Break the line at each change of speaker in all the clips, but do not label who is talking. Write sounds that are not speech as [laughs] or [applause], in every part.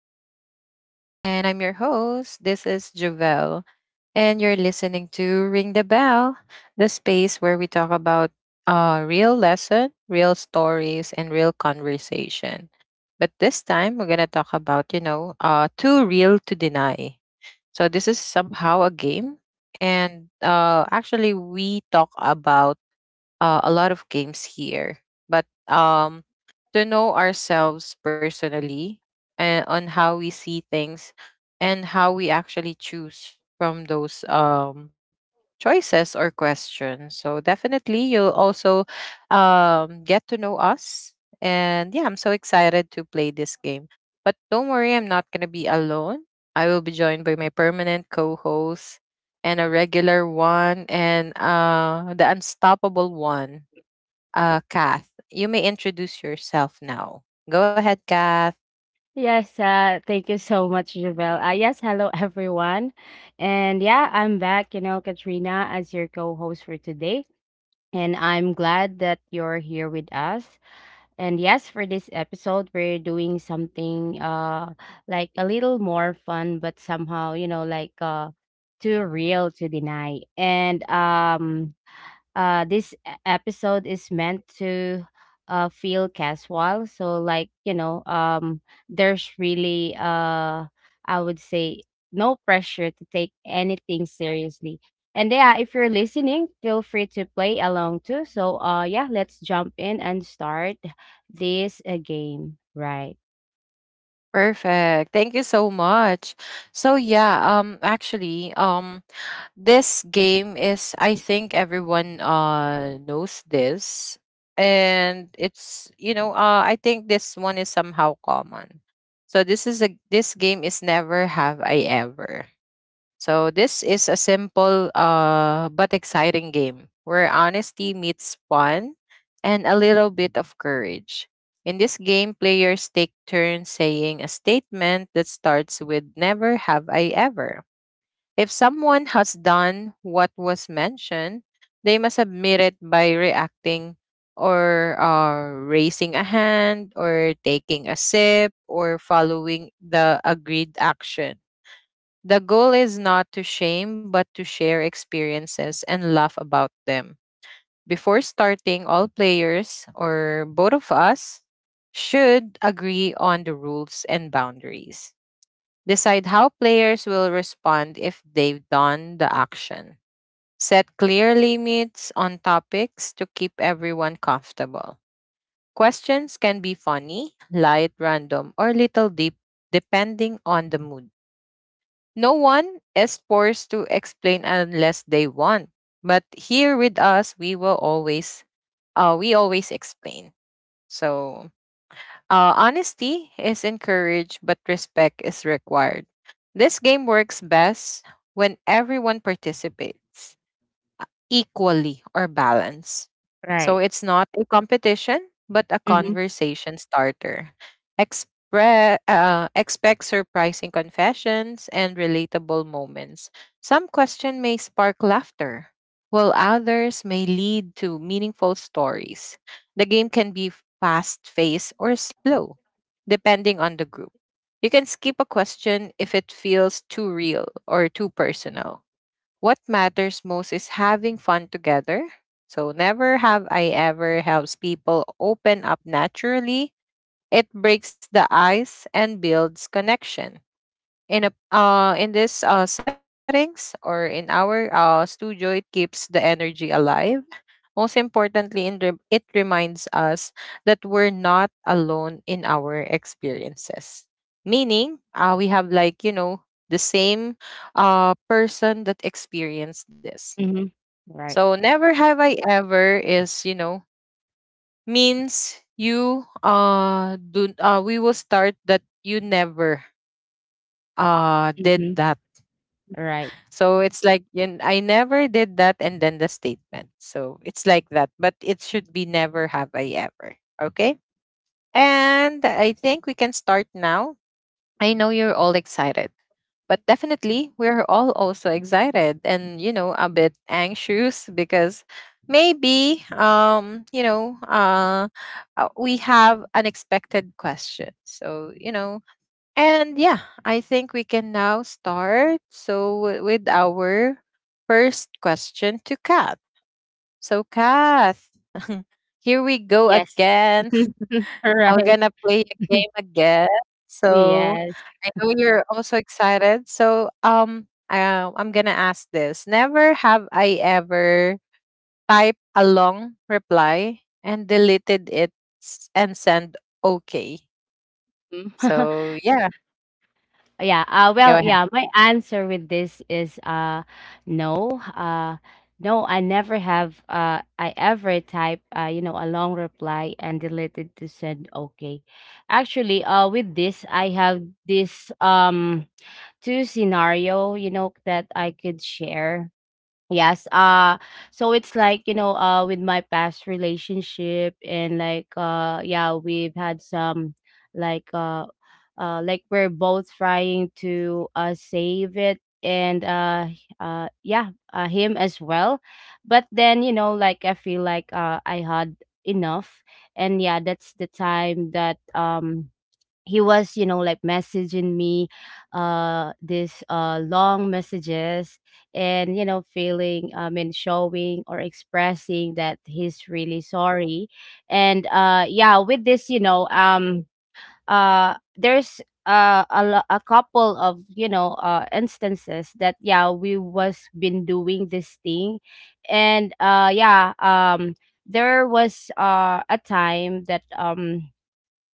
to the show. And I'm your host. This is Javel. And you're listening to Ring the Bell, the space where we talk about real lesson, real stories, and real conversation. But this time, we're going to talk about, you know, too real to deny. So this is somehow a game. And actually, we talk about a lot of games here, but to know ourselves personally and on how we see things and how we actually choose from those choices or questions. So definitely, you'll also get to know us. And yeah, I'm so excited to play this game. But don't worry, I'm not going to be alone. I will be joined by my permanent co host and a regular one and the unstoppable one, Kath. You may introduce yourself now. Go ahead, Kath.
Yes, thank you so much, Javel. Yes, hello [laughs] everyone. And yeah, I'm back, you know, Katrina, as your co-host for today. And I'm glad that you're here with us. And yes, for this episode, we're doing something like a little more fun, but somehow, you know, like too real to deny. And this episode is meant to feel casual, so like, you know, there's really, I would say, no pressure to take anything seriously. And yeah, if you're listening, feel free to play along too. So yeah, let's jump in and start this game, Right.
Perfect. Thank you so much. So yeah, actually, this game is I think everyone knows this and it's you know I think this one is somehow common. So this game is never have I ever. So this is a simple but exciting game where honesty meets fun and a little bit of courage. In this game, players take turns saying a statement that starts with never have I ever. If someone has done what was mentioned, they must admit it by reacting or raising a hand or taking a sip or following the agreed action. The goal is not to shame, but to share experiences and laugh about them. Before starting, all players, or both of us, should agree on the rules and boundaries. Decide how players will respond if they've done the action. Set clear limits on topics to keep everyone comfortable. Questions can be funny, light, random, or little deep, depending on the mood. No one is forced to explain unless they want. But here with us, we always explain. So honesty is encouraged, but respect is required. This game works best when everyone participates equally or balance. So
Right.
it's not a competition, but a
Mm-hmm.
conversation starter. Expect surprising confessions and relatable moments. Some question may spark laughter, while others may lead to meaningful stories. The game can be fast paced or slow, depending on the group. You can skip a question if it feels too real or too personal what matters most is having fun together. So, never have I ever helps people open up naturally. It breaks the ice and builds connection. In this settings or in our studio, it keeps the energy alive. Most importantly, it reminds us that we're not alone in our experiences. Meaning, we have like you know the same person that experienced this.
Mm-hmm. Right.
So never have I ever is, you know, means you do we will start that you never did
Mm-hmm.
that.
Right.
So it's like and I never did that and then the statement. So it's like that, but it should be never have I ever. Okay? And I think we can start now. I know you're all excited, but definitely we're all also excited and you know a bit anxious because maybe you know we have unexpected questions. So, you know, and yeah, I think we can now start so with our first question to Kath. So, Kath, [laughs] here we go
Yes.
again
[laughs]
we're
Right.
gonna play a
[laughs]
game again. So
Yes.
I know you're also excited. So I'm gonna ask this. Never have I ever typed a long reply and deleted it and sent okay.
Mm. [laughs]
So yeah,
Yeah,
go
well,
ahead.
yeah, my answer with this is no. No, I never have I ever type, you know, a long reply and deleted to send okay. Actually, with this I have this two scenario, you know, that I could share. Yes. So it's like, you know, with my past relationship, and like yeah, we've had some, like uh like we're both trying to save it, and yeah, him as well. But then, you know, like I feel like I had enough. And yeah, that's the time that he was, you know, like messaging me this long messages, and you know, feeling, I mean, showing or expressing that he's really sorry. And yeah, with this, you know, there's, a couple of, you know, instances that yeah, we was been doing this thing. And yeah, there was a time that,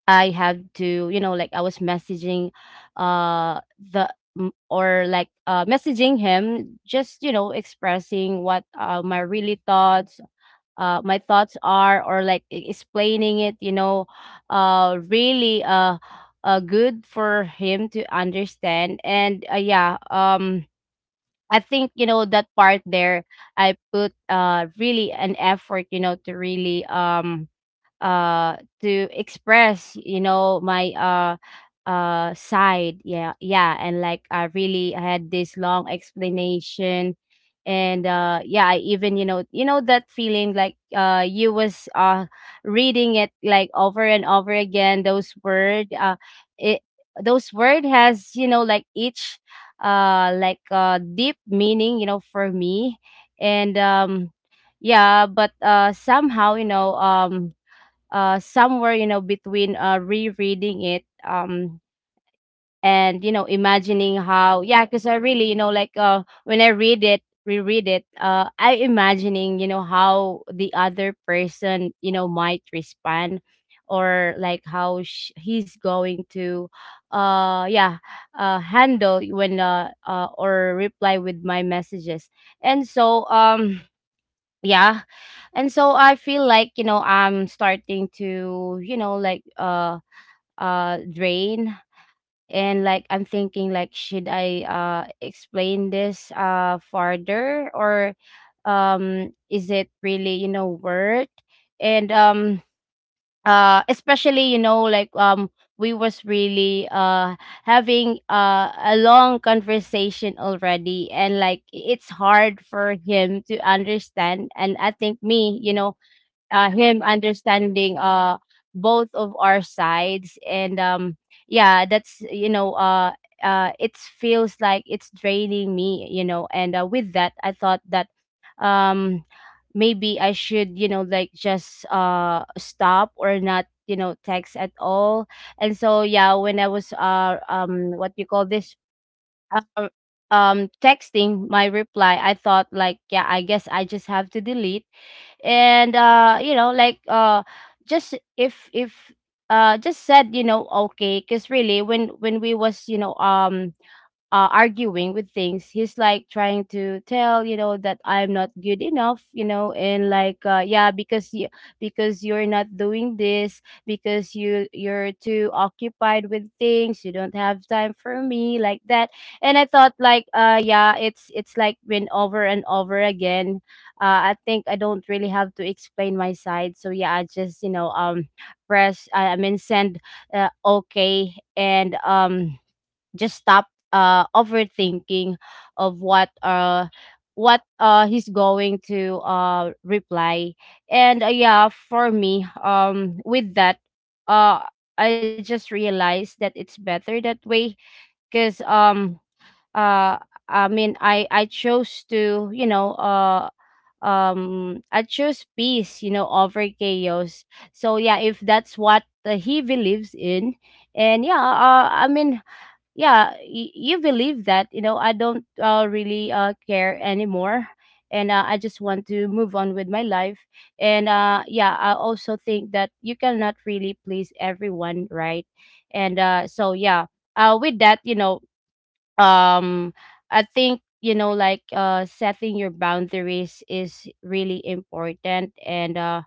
I have to, you know, like I was messaging, or like messaging him just, you know, expressing what, my thoughts are, or like explaining it, you know, really good for him to understand. And yeah. I think, you know, that part there, I put really an effort, you know, to really, to express, you know, my side, yeah. Yeah. And like, I really had this long explanation. And yeah, I even, you know, that feeling like, you was reading it like over and over again, those word, it those word has, you know, like each, deep meaning, you know, for me. And yeah, but somehow, you know, somewhere, you know, between rereading it, and you know, imagining how, yeah, because I really, you know, like, when I read it reread it, I imagining, you know, how the other person, you know, might respond, or like how he's going to, yeah, handle when, or reply with my messages. And so, yeah, and so I feel like, you know, I'm starting to, you know, like, drain. And like, I'm thinking like, should I explain this farther, or is it really, you know, worth? And especially, you know, like, we was really having a long conversation already, and like, it's hard for him to understand. And I think me, you know, him understanding, both of our sides. And yeah, that's, you know, it feels like it's draining me, you know. And with that I thought that, um maybe I should, you know, like just stop, or not, you know, text at all. And so yeah, when I was, what you call this, um, texting my reply, I thought like, yeah, I guess I just have to delete. And you know, like, just, if just said, you know, okay. Because really, when we was, you know, arguing with things. He's like trying to tell, you know, that I'm not good enough, you know. And like, yeah, because you're not doing this, because you're too occupied with things, you don't have time for me, like that. And I thought like, yeah, it's like been over and over again. I think I don't really have to explain my side. So yeah, I just, you know, press, I mean, send, okay. And just stop overthinking of what, what he's going to reply. And yeah, for me, with that, uh I just realized that it's better that way. Because uh I mean, I chose to I chose peace, you know, over chaos. So yeah, if that's what he believes in. And yeah, I mean, yeah, you believe that, you know, I don't, really, care anymore. And I just want to move on with my life. And yeah, I also think that you cannot really please everyone, right? And so yeah, with that, you know, um I think, you know, like, setting your boundaries is really important. And uh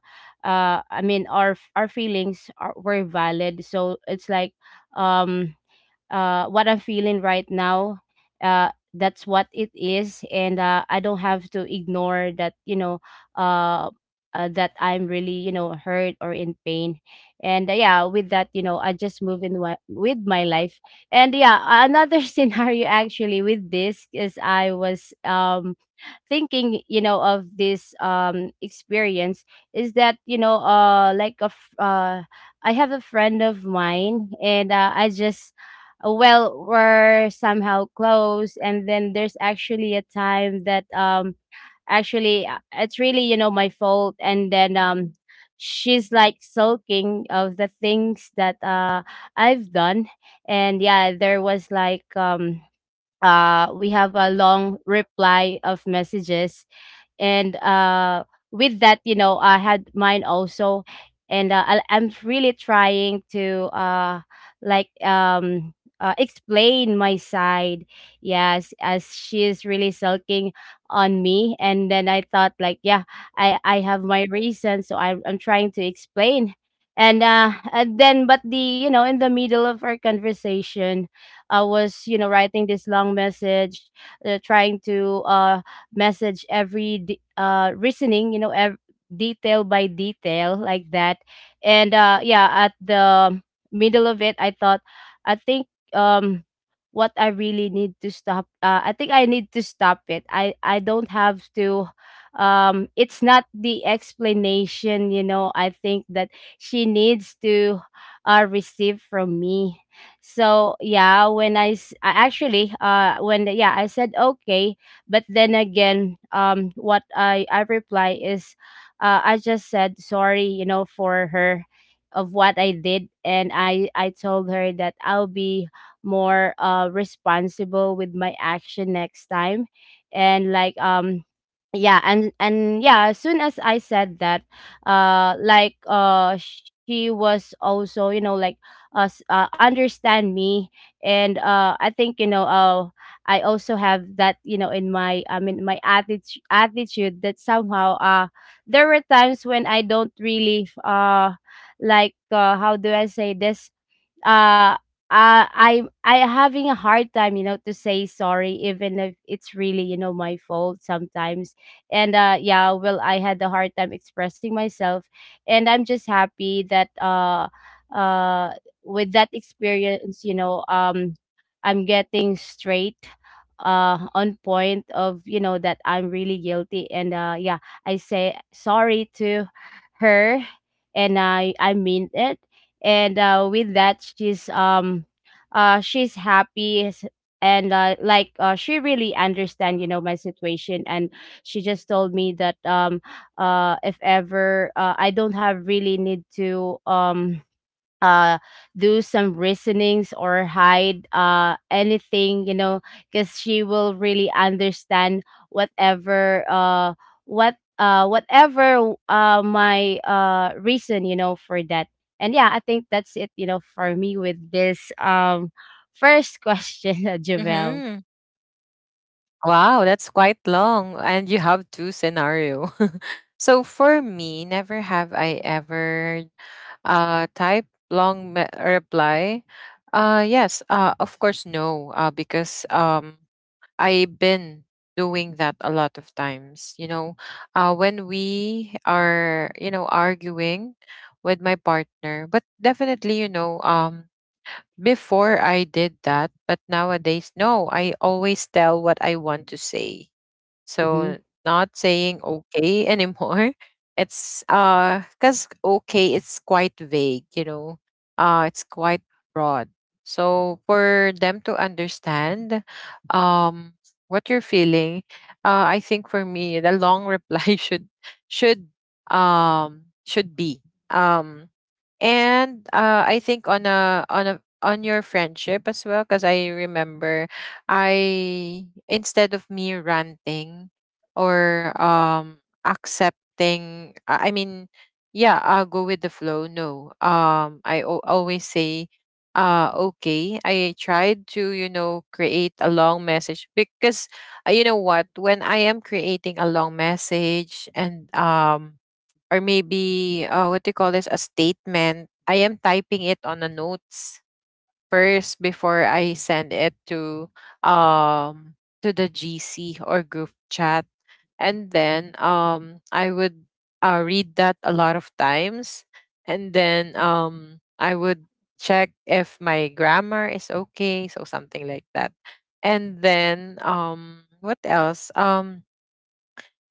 uh I mean, our feelings are were valid, so it's like, um what I'm feeling right now. That's what it is, and I don't have to ignore that. You know, uh, that I'm really, you know, hurt or in pain. And yeah, with that, you know, I just move in, with my life. And yeah, another [laughs] scenario actually with this is, I was thinking, you know, of this experience. Is that, you know, like I have a friend of mine. And I just, well, we're somehow close. And then there's actually a time that, actually, it's really, you know, my fault. And then she's like sulking of the things that I've done. And yeah, there was like, we have a long reply of messages. And with that, you know, I had mine also. And I'm really trying to, like, explain my side. Yes, as she is really sulking on me. And then I thought like, yeah, I have my reason, so I'm trying to explain. And then but the you know, in the middle of our conversation, I was, you know, writing this long message, trying to, message every reasoning, you know, detail by detail, like that. And yeah, at the middle of it, I thought, I think, um, what I really need to stop, I think I need to stop it. I don't have to, it's not the explanation, you know, I think that she needs to receive from me. So yeah, when I actually, when, yeah, I said okay. But then again, what I reply is, I just said sorry, you know, for her, of what I did. And I told her that I'll be more responsible with my action next time. And like, yeah. And yeah, as soon as I said that, like, she was also, you know, like, understand me. And I think, you know, I also have that, you know, in my, I mean my attitude, that somehow, there were times when I don't really, like, how do I say this, uh I having a hard time, you know, to say sorry, even if it's really, you know, my fault sometimes. And yeah, well, I had a hard time expressing myself, and I'm just happy that, uh, with that experience, you know, I'm getting straight, on point of, you know, that I'm really guilty. And yeah, I say sorry to her, and I mean it. And with that she's, she's happy, and like, she really understand, you know, my situation. And she just told me that, if ever, I don't have really need to, uh do some reasonings or hide anything, you know, because she will really understand whatever, whatever my reason, you know, for that. And yeah, I think that's it, you know, for me with this, first question. [laughs]
Mm-hmm.
Javel.
Wow, that's quite long, and you have two scenario. [laughs] So for me, never have I ever type reply. Yes, of course, no, because I've been doing that a lot of times. You know, when we are, you know, arguing with my partner, but definitely, you know, before I did that, but nowadays, no, I always tell what I want to say so
Mm-hmm.
not saying okay anymore. [laughs] It's cuz okay it's quite vague, you know. It's quite broad. So for them to understand um what you're feeling, I think for me the long reply [laughs] should should be and I think on a on your friendship as well cuz I remember I instead of me ranting or accepting yeah, I'll go with the flow. No. Always say okay. I tried to, you know, create a long message because you know what, when I am creating a long message and or maybe what do you call this a statement, I am typing it on a notes first before I send it um to the GC or group chat. And then I would read that a lot of times and then I would check if my grammar is okay, so something like that. And then what else?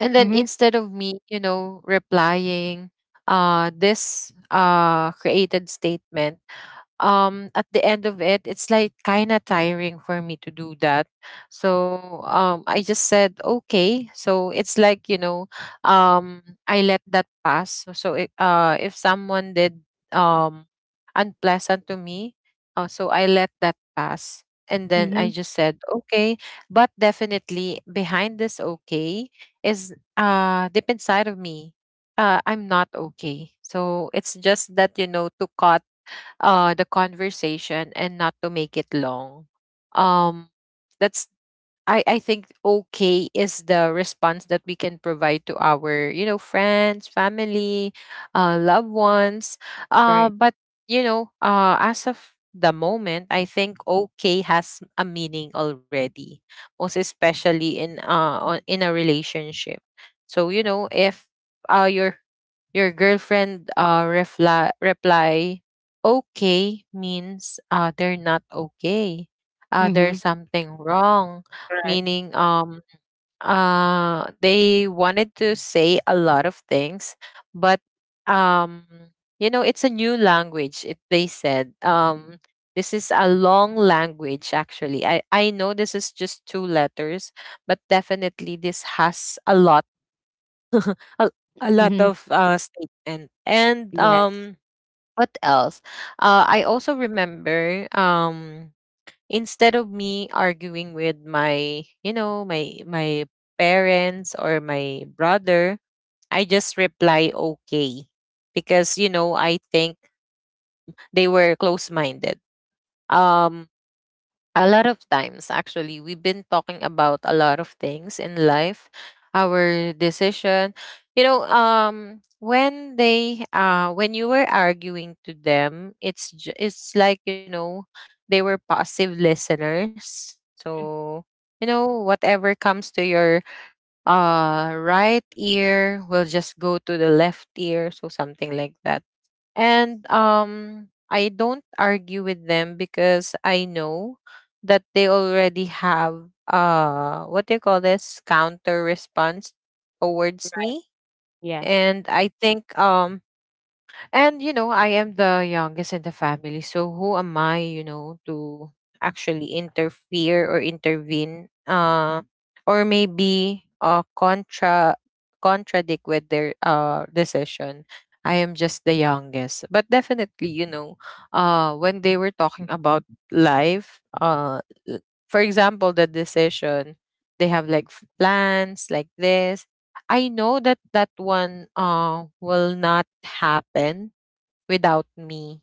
And then
Mm-hmm.
instead of me, you know, replying this created statement at the end of it it's like kind of tiring for me to do that so I just said okay so it's like you know I let that pass so if someone did um unpleasant to me so I let that pass and then I
Mm-hmm.
just said okay but definitely behind this okay is deep inside of me I'm not okay. So it's just that you know to cut the conversation and not to make it long um that's I think okay is the response that we can provide to our you know friends family loved ones but you know as of the moment I think okay has a meaning already most especially in a relationship so you know if uh your your girlfriend reply, okay means they're not okay. There's
Mm-hmm.
something wrong,
Right.
meaning they wanted to say a lot of things, but um you know it's a new language. They said this is a long language actually. I know this is just two letters, but definitely this has a lot [laughs] a, a lot
Mm-hmm.
of statement. And
Yes.
what else? I also remember instead of me arguing with my, you know, my parents or my brother, I just reply okay because you know I think they were close minded. Um, a lot of times, actually, we've been talking about a lot of things in life, our decision. You know, when when you were arguing to them, it's like you know, they were passive listeners.
Mhm.
So you know, whatever comes to your right ear will just go to the left ear, so something like that. And I don't argue with them because I know that they already have what do you call this counter response towards
Right.
me.
Yes.
And I think and you know, I am the youngest in the family, so who am I, you know, to actually interfere or intervene or maybe contradict with their decision. I am just the youngest. But definitely, you know, when they were talking about life, for example, the decision they have like plans like this I know that that one will not happen without me.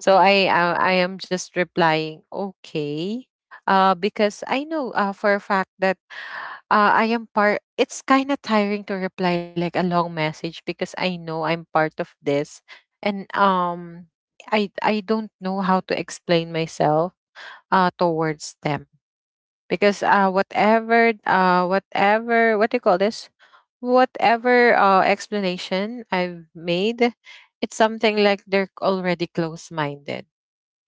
So I am just replying okay, because I know for a fact that I am part. It's kind of tiring to reply like a long message because I know I'm part of this, and I don't know how to explain myself towards them because whatever what do you call this whatever explanation I've made it's something like they're already close minded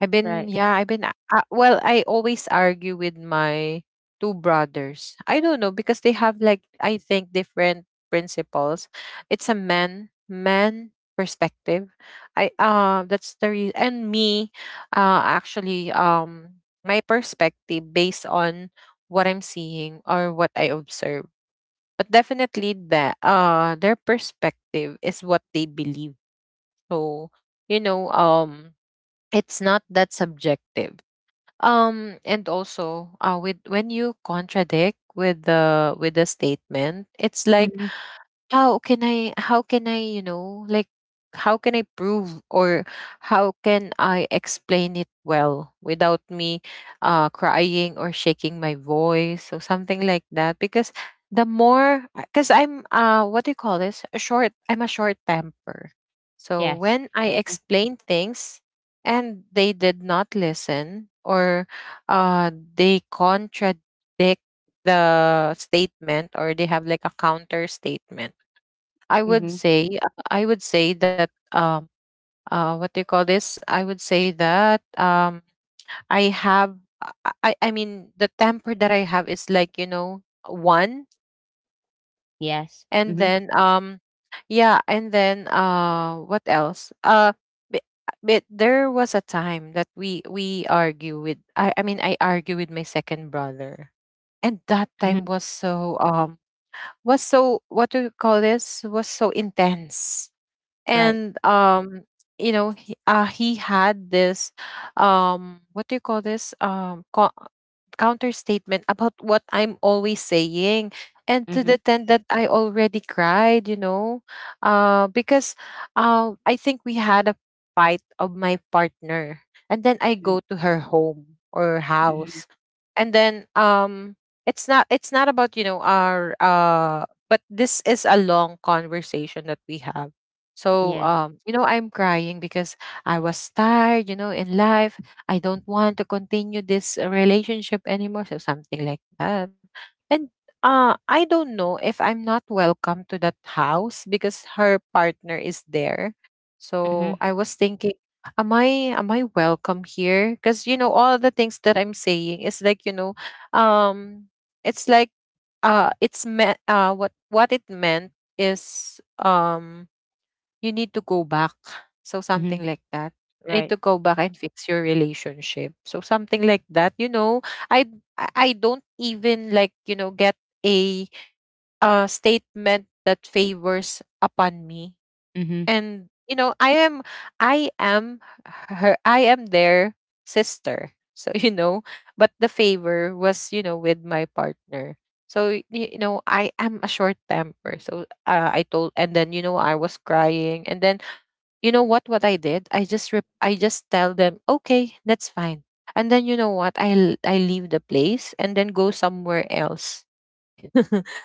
Right.
I've been well, I always argue with my two brothers. I don't know because they have like I think different principles. It's a man man perspective. I that's the reason and me actually my perspective based on what I'm seeing or what I observe. But definitely that their perspective is what they believe. So, you know, um it's not that subjective. And also with when you contradict with the statement, it's like
Mm-hmm.
how can I how can I prove or how can I explain it well without me crying or shaking my voice or something like that. Because the more, because I'm what do you call this, a short I'm a short temper. So
Yes.
when I explain things and they did not listen, or they contradict the statement or they have like a counter statement,
Mm-hmm.
I would say that what do you call this? I would say that I have, I mean, the temper that I have is like, you know, one.
Yes.
And
Mhm.
then yeah, and then what else? But, but there was a time that we argue with, I mean, I argue with my second brother. And that time
Mhm.
was so was so, what do you call this? Was so intense.
Right.
And you know, he had this what do you call this, counter statement about what I'm always saying. And to
Mhm.
the extent that I already cried, you know. Because, I think we had a fight of my partner, and then I
Mhm.
go to her home or
Mhm.
house. And then it's not about, you know, our, but this is a long conversation that we have. So,
Yes.
you know, I'm crying because I was tired, you know, in life. I don't want to continue this relationship anymore. So, something like that. And I don't know if I'm not welcome to that house because her partner is there. So,
Mhm.
I was thinking, am I am I welcome here? Because, you know, all the things that I'm saying is like, you know, um, it's like what it meant is, you need to go back. So
Mhm.
something like that. You need
Right.
to go back and fix your relationship. So something like that. You know, I I don't even, like, you know, get a statement that favors upon me.
Mhm.
And you know, I am I am their sister. So [laughs] you know, but the favor was, you know, with my partner. So you know, I am a short temper. So I told, and then you know, I was crying, and then you know what I did? I just tell them, "Okay, that's fine." And then you know what? I leave the place and then go somewhere else.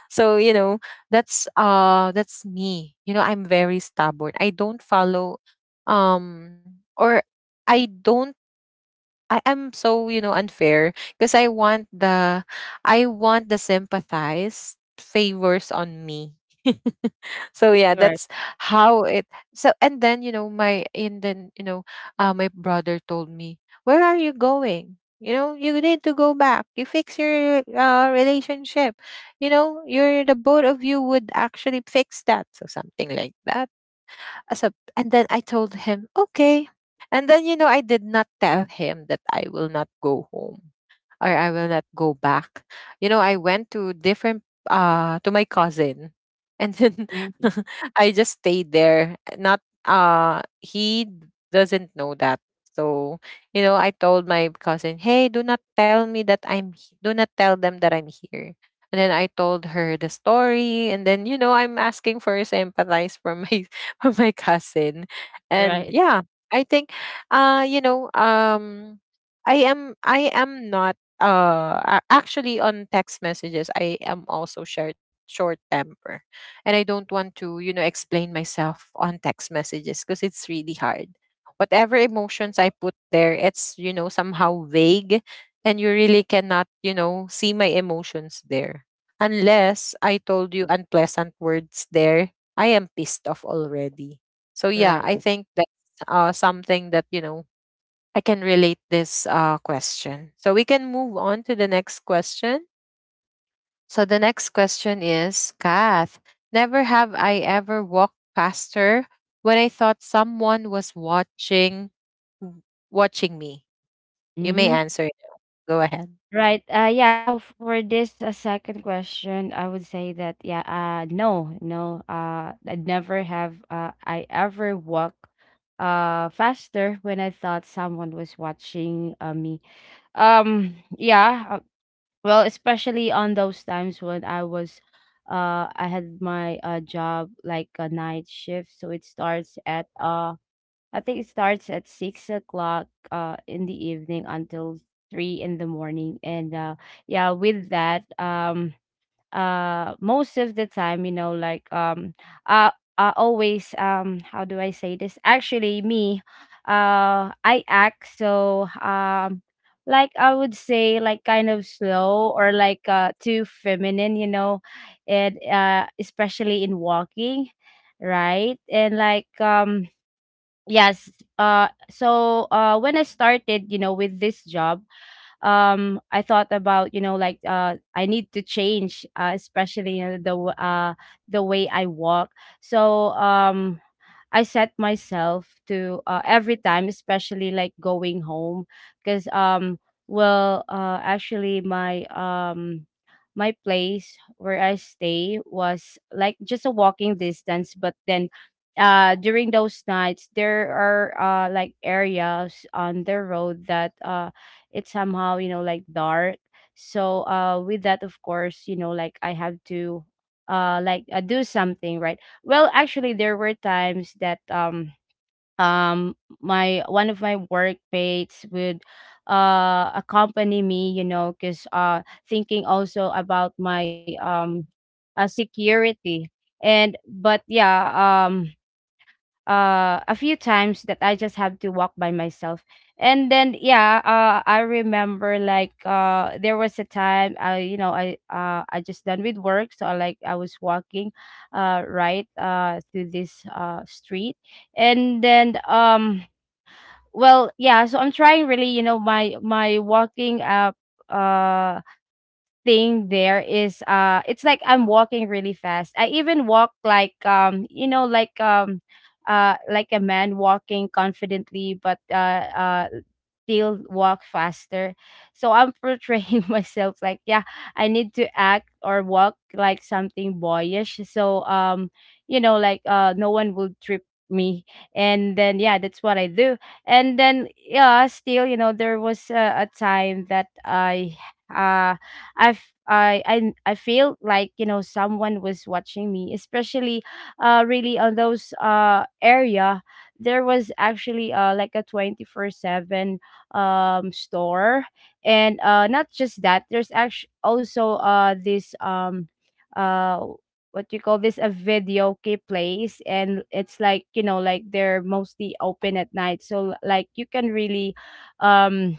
So, you know, that's me. You know, I'm very stubborn. I don't follow or I don't, I am so, you know, unfair because I want the sympathize favors on me. [laughs] So yeah,
Right.
that's how it. So and then you know, my brother told me, where are you going, you know, you need to go back, you fix your relationship, you know, you're the, both of you would actually fix that. So something like that. So and then I told him, okay. And then you know, I did not tell him that I will not go home or I will not go back. You know, I went to different, to my cousin, and then
Mhm.
[laughs] I just stayed there. Not, he doesn't know that. So, you know, I told my cousin, "Hey, do not tell me that do not tell them that I'm here." And then I told her the story, and then you know, I'm asking for sympathize from my [laughs] from my cousin. And
Right.
yeah, I think you know, I am not actually on text messages, I am also short temper. And I don't want to, you know, explain myself on text messages because it's really hard. Whatever emotions I put there, it's, you know, somehow vague, and you really cannot, you know, see my emotions there, unless I told you unpleasant words there, I am pissed off already. So yeah,
Right.
I think that's something that, you know, I can relate this question. So we can move on to the next question. So the next question is, Kath, never have I ever walked past her when I thought someone was watching w- watching me. You may
Mhm.
answer it. Go ahead.
Right. Yeah, for this second question, I would say that yeah, no, no. I'd never have I ever walk faster when I thought someone was watching, me. Um yeah, Well, especially on those times when I was, I had my job like a night shift, so it starts at I think it starts at 6 o'clock in the evening until three in the morning, and yeah, with that, most of the time, you know, uh I always, how do I say this, actually, me I act so, like I would say like kind of slow or like too feminine, you know, and especially in walking, right, and yes. So when I started, you know, with this job, I thought about, you know, I need to change, especially, you know, the way I walk. So, I set myself to, every time, especially like going home, because, well, actually, my place where I stay was like just a walking distance, but then during those nights there are like areas on the road that, it's somehow, you know, like dark. So with that, of course, you know, like I have to do something, right. Well, actually, there were times that um my— one of my workmates would accompany me, you know, because, thinking also about my security. And but yeah. um a few times that I just have to walk by myself. And then yeah, I remember, there was a time I you know I just done with work, so I was walking right through this street. And then, well, yeah, so I'm trying really, you know, my walking up uh thing there is, it's like I'm walking really fast. I even walk like like a man walking confidently, but still walk faster. So I'm portraying [laughs] myself like, yeah, I need to act or walk like something boyish. So, you know, like no one will trip me. And then yeah, that's what I do. And then yeah, still, you know, there was a time that I uh I've I feel like, you know, someone was watching me, especially really on those area. There was actually like a 24/7 store, and not just that. There's actually also this uh what you call this, a video key place, and it's like, you know, like they're mostly open at night, so like you can really um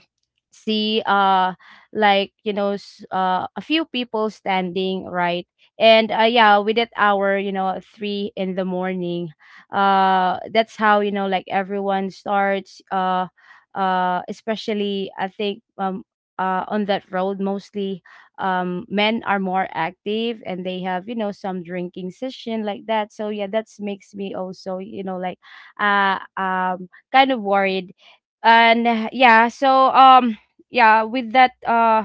see, like, you know, a few people standing, right. And yeah, with that hour, you know, at three in the morning, that's how, you know, like everyone starts, especially, I think, on that road mostly, men are more active, and they have, you know, some drinking session like that. So yeah, that makes me also, you know, like kind of worried. And yeah, yeah, with that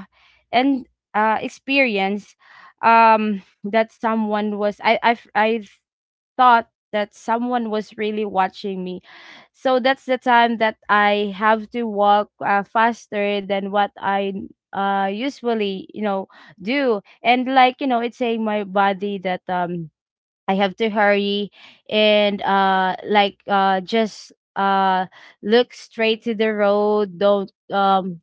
and experience, that someone was— I thought that someone was really watching me. So that's the time that I have to walk, faster than what I usually, you know, do. And like, you know, it's saying my body that I have to hurry. And uh like uh just uh look straight to the road. don't um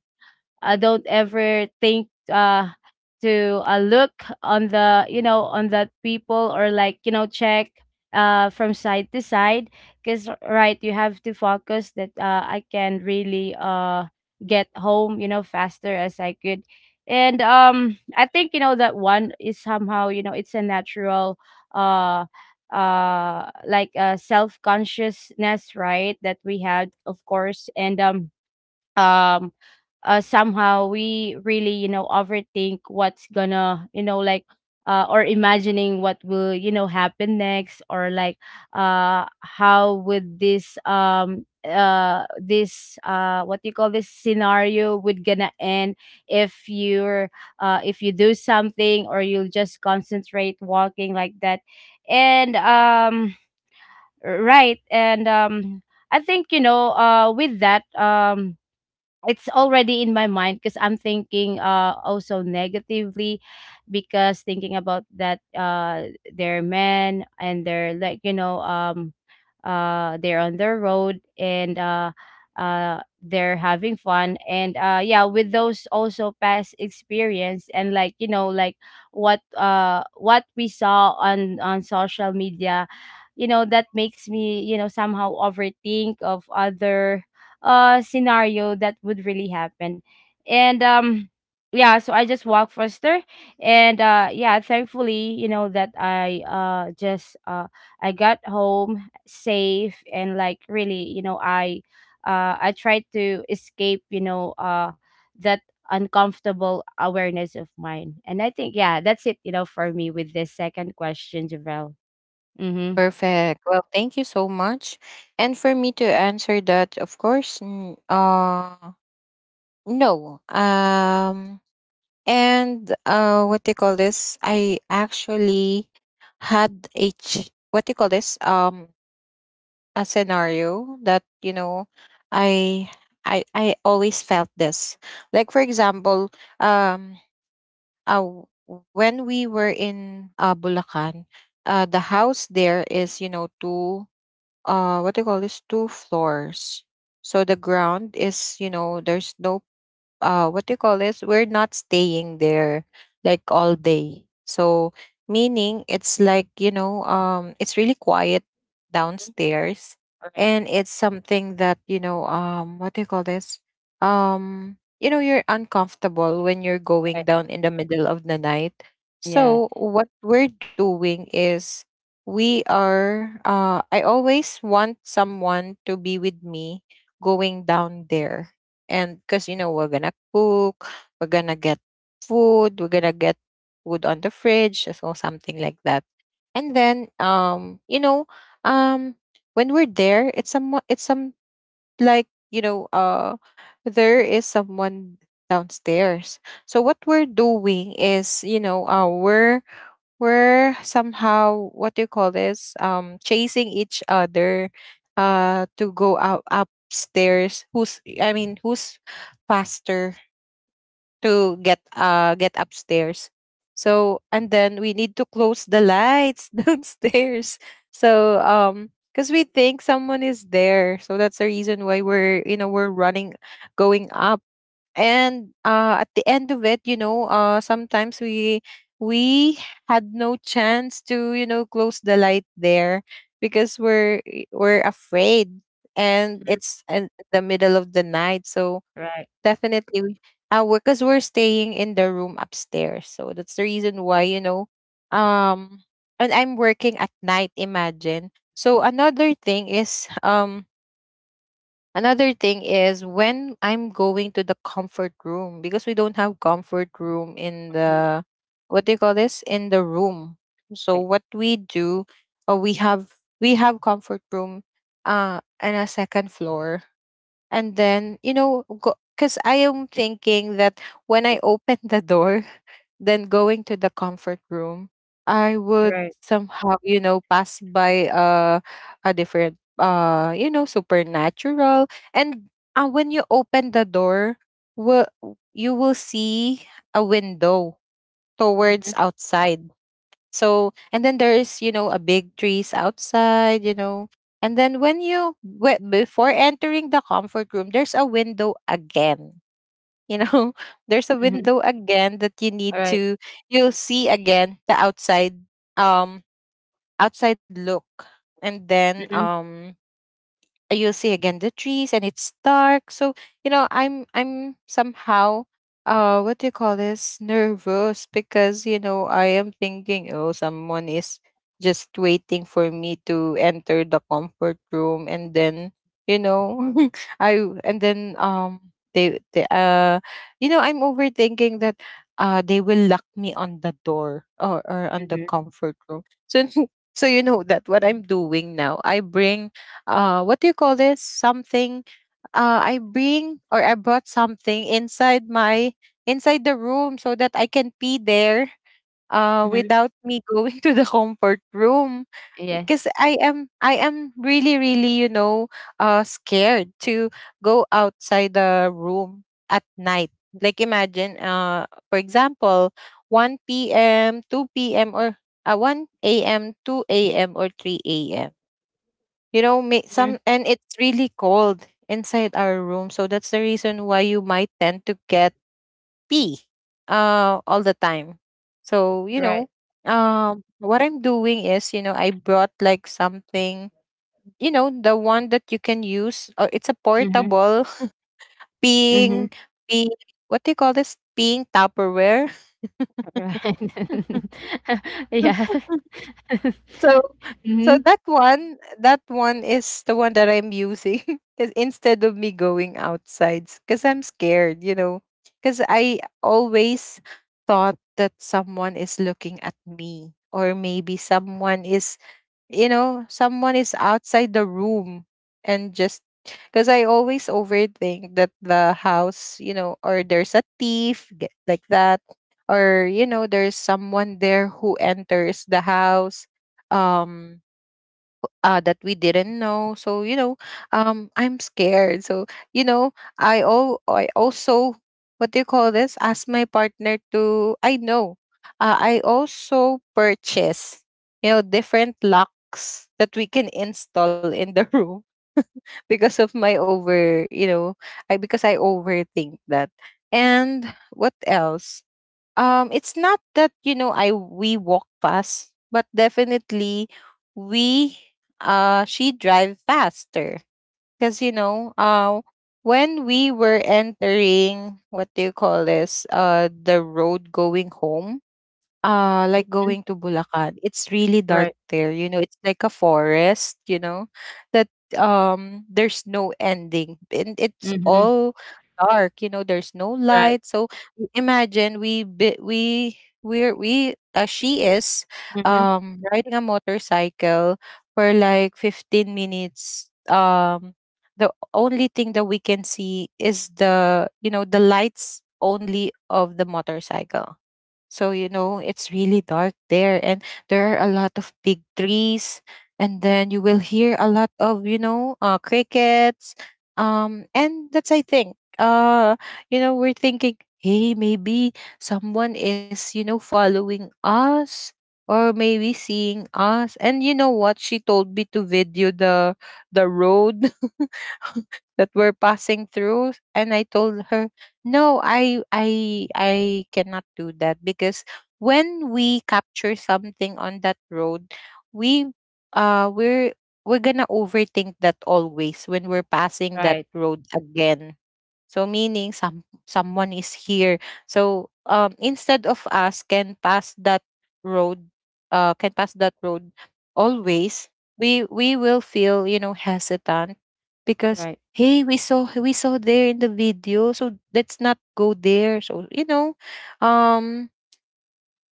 uh, Don't ever think to look on that people, or like, you know, check from side to side, because, right, you have to focus that I can really get home, you know, faster as I could. And I think, you know, that one is somehow, you know, it's a natural uh like a self-consciousness, right, that we had, of course. And um um uh somehow, we really, you know, overthink what's gonna, you know, or imagining what will, you know, happen next, or how would this, what do you call this, scenario would gonna end, if you're if you do something, or you'll just concentrate walking like that. And right. And I think, you know, with that, it's already in my mind because I'm thinking also negatively, because thinking about that they're men, and they're like, you know, they're on their road, and they're having fun. And yeah, with those also past experience, and like, you know, like what we saw on social media, you know, that makes me, you know, somehow overthink of other scenario that would really happen. And Yeah, so I just walked faster. And yeah, thankfully, you know, that I got home safe, and like, really, you know, I tried to escape, you know, that uncomfortable awareness of mine. And I think, yeah, that's it, you know, for me with this second question, Javel. Mm-hmm.
Perfect. Well, thank you so much. And for me to answer that, of course, no. And what do you call this? I actually had a what do you call this? A scenario that, you know, I I always felt this. Like for example, um, uh, w- when we were in Bulacan, the house there is, you know, two, what do you call this, two floors. So the ground is, you know, there's no what do you call this, we're not staying there like all day. So meaning it's like, you know, it's really quiet downstairs.
Right.
And it's something that, you know, what do you call this, you know, you're uncomfortable when you're going
Right.
down in the middle of the night.
Yes.
So what we're doing is, we are, I always want someone to be with me going down there. And because, you know, we're going to cook, we're going to get food, we're going to get food on the fridge, so something like that. And then, you know, um, when we're there, it's some, like, you know, there is someone downstairs. So what we're doing is, you know, we're somehow, what do you call this, chasing each other to go out upstairs, who's, I mean, who's faster to get, get upstairs. So and then we need to close the lights [laughs] downstairs. So because we think someone is there. So that's the reason why we're, you know, we're running, going up. And at the end of it, you know, sometimes we had no chance to, you know, close the light there because we're afraid, and
Mhm.
it's in the middle of the night. So
Right.
definitely because we're staying in the room upstairs. So that's the reason why, you know, um and I'm working at night, imagine. So another thing is another thing is, when I'm going to the comfort room, because we don't have comfort room in
Mhm.
the, what do you call this, in the room. So
Right.
what we do, uh, we have we have comfort room in a second floor. And then, you know, because I am thinking that when I open the door, than going to the comfort room, I would
Right.
somehow, you know, pass by a different, you know, supernatural. And when you open the door, will you will see a window towards
Mhm.
outside. So, and then there is, you know, a big trees outside, you know. And then when you, before entering the comfort room, there's a window again, you know, [laughs] there's a
Mhm.
window again that you need
Alright.
to, you'll see again the outside, um outside look. And then
Mhm,
you'll see again the trees, and it's dark. So, you know, I'm somehow, what do you call this, nervous, because, you know, I am thinking, oh, someone is just waiting for me to enter the comfort room. And then, you know, [laughs] I and then they, you know, I'm overthinking that they will lock me on the door, or on the
mhm,
comfort room. So [laughs] so you know that, what I'm doing now, I bring, what do you call this, something, I bring or I brought something inside my, inside the room, so that I can pee there
mhm.
without me [laughs] going to the comfort room.
Yeah.
Because I am really really, you know, scared to go outside the room at night. Like imagine, for example, 1 p.m, 2 p.m, or 1 a.m, 2 a.m, or 3 a.m. You know,
Mhm.
some, and it's really cold inside our room, so that's the reason why you might tend to get pee all the time. So, you
Right.
know, what I'm doing is, you know, I brought like something, you know, the one that you can use, or it's a
Mhm,
portable [laughs]
mhm.
peeing, pee, what do you call this, peeing tupperware. [laughs]
Right. [laughs] Yeah. [laughs]
So, so
Mhm.
that one is the one that I'm using [laughs] because instead of me going outside because I'm scared, you know, because I always thought that someone is looking at me, or maybe someone is, you know, someone is outside the room. And just because I always overthink that the house, you know, or there's a thief g- like that, or, you know, there's someone there who enters the house, um that we didn't know. So you know, I'm scared. So, you know, I also, what do you call this, ask my partner to. I know. I also purchase, you know, different locks that we can install in the room. [laughs] Because of my over, you know, I because I overthink that. And what else? It's not that you know I we walk fast, but definitely we she drive faster because when we were entering, what do you call this, the road going home, like going to Bulacan, it's really dark
Right.
there. You know, it's like a forest, you know, that there's no ending. And it's
Mhm.
all dark, you know, there's no
Right.
light. So I- imagine we bi- we we're we she is
Mhm.
riding a motorcycle for like 15 minutes. The only thing that we can see is the lights only of the motorcycle. So, you know, it's really dark there. And there are a lot of big trees. And then you will hear a lot of, you know, crickets. And that's, I think, you know, we're thinking, hey, maybe someone is, you know, following us or maybe seeing us. And you know what? She told me to video the road [laughs] that we're passing through. And I told her no, I cannot do that because when we capture something on that road, we uh we're we're gonna overthink that always when we're passing that
Right.
road again. So meaning someone is here. So instead of us can pass that road, can pass that road always, we will feel, you know, hesitant because
Right.
hey, we saw there in the video, so let's not go there. So, you know, um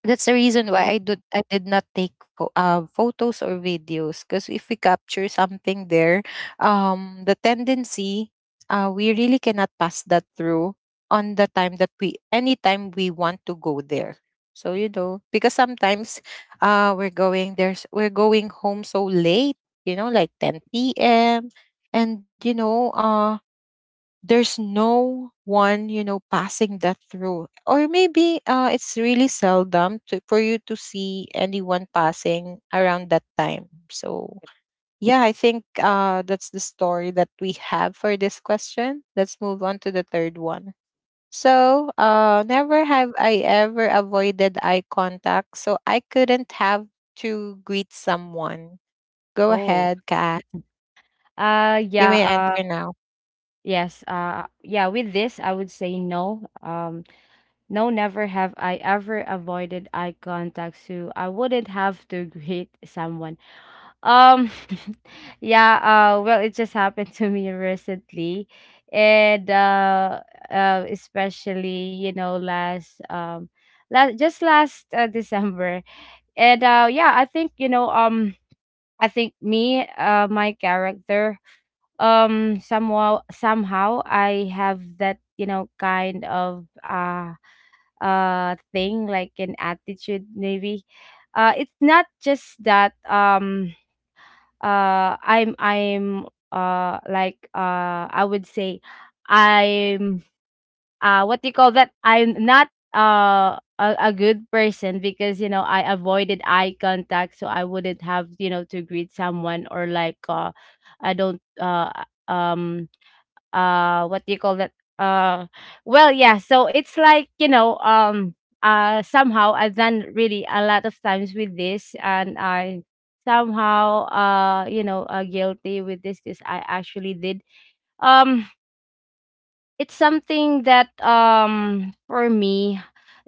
that's the reason
Mhm.
why I did not take photos or videos, because if we capture something there, the tendency, we really cannot pass that through on the time that we, anytime we want to go there. So, you know, because sometimes, we're going, there's we're going home so late, you know, like 10 p.m. And you know, there's no one, you know, passing that through, or maybe it's really seldom to, for you to see anyone passing around that time. So yeah, I think, that's the story that we have for this question. Let's move on to the third one. So, never have I ever avoided eye contact so I couldn't have to greet someone. Go
Oh.
ahead, Kat. You
Yeah,
may answer now.
yes, yeah, with this, I would say no. No, never have I ever avoided eye contact, so I wouldn't have to [laughs] greet someone. Um, Yeah, well, it just happened [laughs] to me recently, and especially, you know, last December, and yeah, I think, you know, I think me my character, somehow I have that, you know, kind of thing like an attitude maybe. It's not just that uh i'm i'm I would say I'm what do you call that, I'm not a good person, because, you know, I avoided eye contact, so I wouldn't have, you know, to greet someone, or like I don't— um what do you call that? uh well, yeah, so it's like, you know, somehow I've done really a lot of times with this, and I somehow, you know, guilty with this, because I actually did. um it's something that, for me,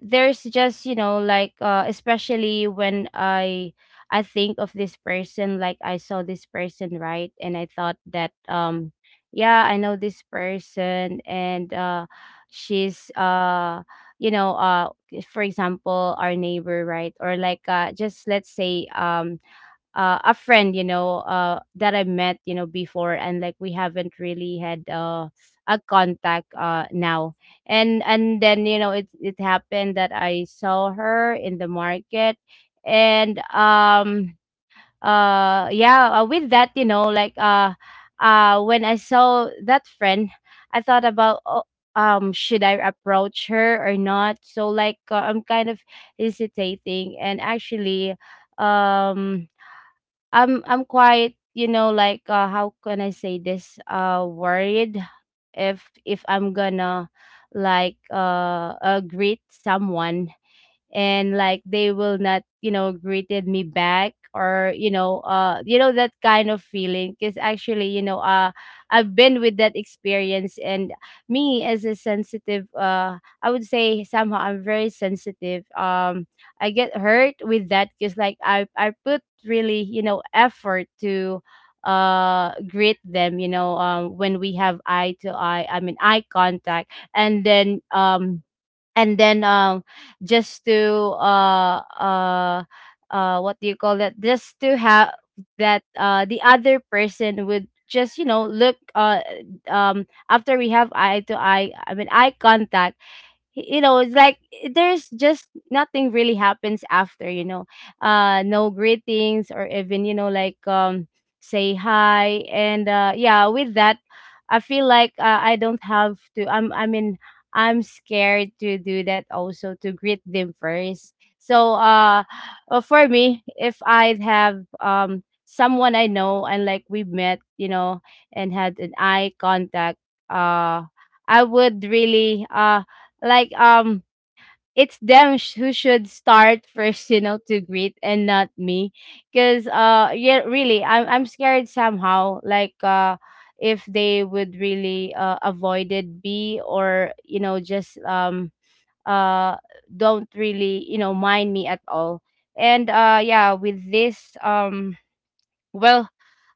there's just, you know, like, especially when I think of this person, like I saw this person, right, and I thought that yeah, I know this person, and she's, you know, for example, our neighbor, right, or like, just let's say, a friend, you know, that I met, you know, before, and like we haven't really had a contact, now. And then, you know, it happened that I saw her in the market, and yeah, with that, you know, when I saw that friend, I thought about. Oh, should I approach her or not? So like, I'm kind of hesitating, and actually um I'm quite, you know, like, how can I say this? Worried if I'm gonna, greet someone, and like they will not, you know, greeted me back, or, you know, you know, that kind of feeling. Because actually, you know, I've been with that experience, and me as a sensitive, I would say somehow I'm very sensitive, I get hurt with that, because like I put really, you know, effort to greet them, you know, when we have eye to eye I mean eye contact. And then, just to what do you call that, just to have that the other person would just, you know, look. After we have eye to eye I mean eye contact, you know, it's like there's just nothing really happens after, you know, no greetings, or even, you know, say hi. And yeah, with that, I feel like, I don't have to I'm I mean I'm scared to do that also, to greet them first. So, for me, if I'd have someone I know, and like we met, you know, and had an eye contact, uh I would really like um it's them who should start [laughs] first, you know, to greet, and not me. Because yeah, really, I'm scared somehow, if they would really avoided me, or, you know, just uh don't really, you know, mind me at all. And yeah, with this, well,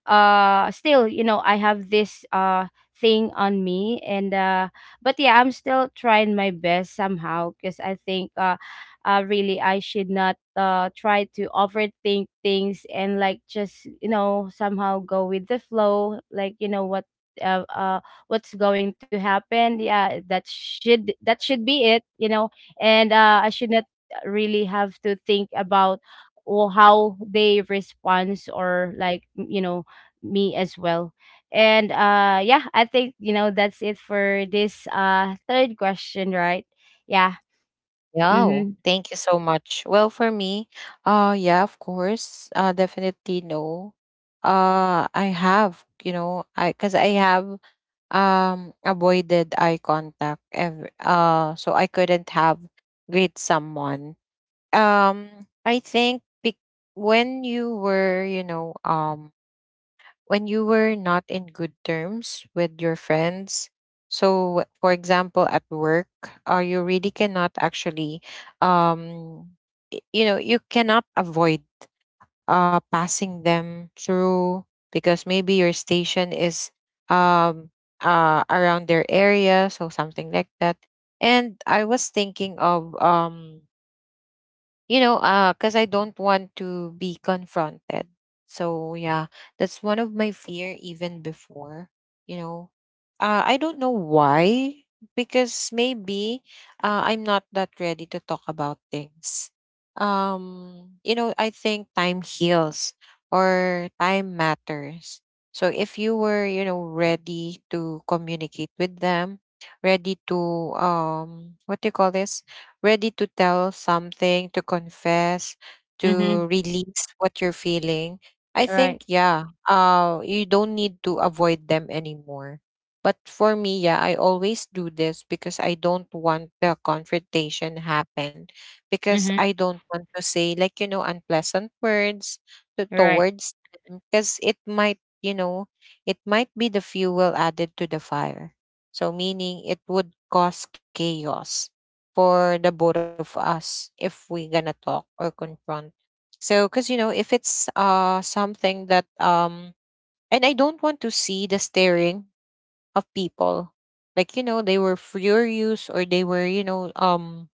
still, you know, I have this thing on me, and but yeah, I'm still trying my best somehow, because I think, really, I should not try to overthink things and like just somehow go with the flow like you know what uh, uh what's going to happen. Yeah, that should be it, and I should not really have to think about or how they respond or like me as well. And yeah, I think that's it for this third question, right? Yeah.
Yeah, oh,
Mhm.
thank you so much. Well, for me, yeah, of course. Definitely no. I have, you know, I, cuz I have avoided eye contact ever, so I couldn't have with someone. Um I think when you were, you know, when you were not in good terms with your friends, so for example at work, you really cannot actually um you know, you cannot avoid passing them through, because maybe your station is um around their area, so something like that. And I was thinking of, you know, because I don't want to be confronted. So yeah, that's one of my fear even before, you know. I don't know why, because maybe I'm not that ready to talk about things. You know, I think time heals or time matters. So if you were, you know, ready to communicate with them, ready to what do you call this, ready to tell something, to confess,
Mhm.
to release what you're feeling, I
Right.
think, yeah, you don't need to avoid them anymore. But for me, yeah, I always do this because I don't want the confrontation happen, because
Mhm.
I don't want to say like, you know, unpleasant words to,
Right.
towards them, because it might, you know, it might be the fuel added to the fire. So meaning it would cause chaos for the both of us if we're gonna talk or confront. So, because you know, if it's something that and I don't want to see the staring of people, like you know, they were furious, or they were, you know, um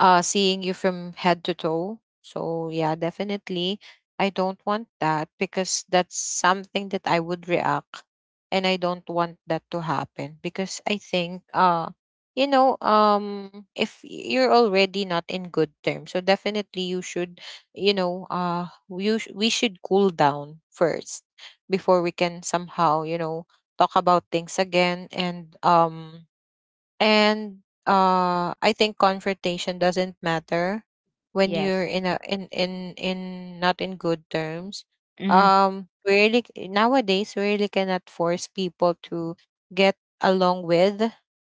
uh seeing you from head to toe. So yeah, definitely I don't want that, because that's something that I would react, and I don't want that to happen, because I think you know, if you're already not in good terms, so definitely you should, you know, we should cool down first before we can somehow, you know, talk about things again. And I think confrontation doesn't matter when you're
Yes.
in a in not in good terms.
Mhm.
We really nowadays we really cannot force people to get along with,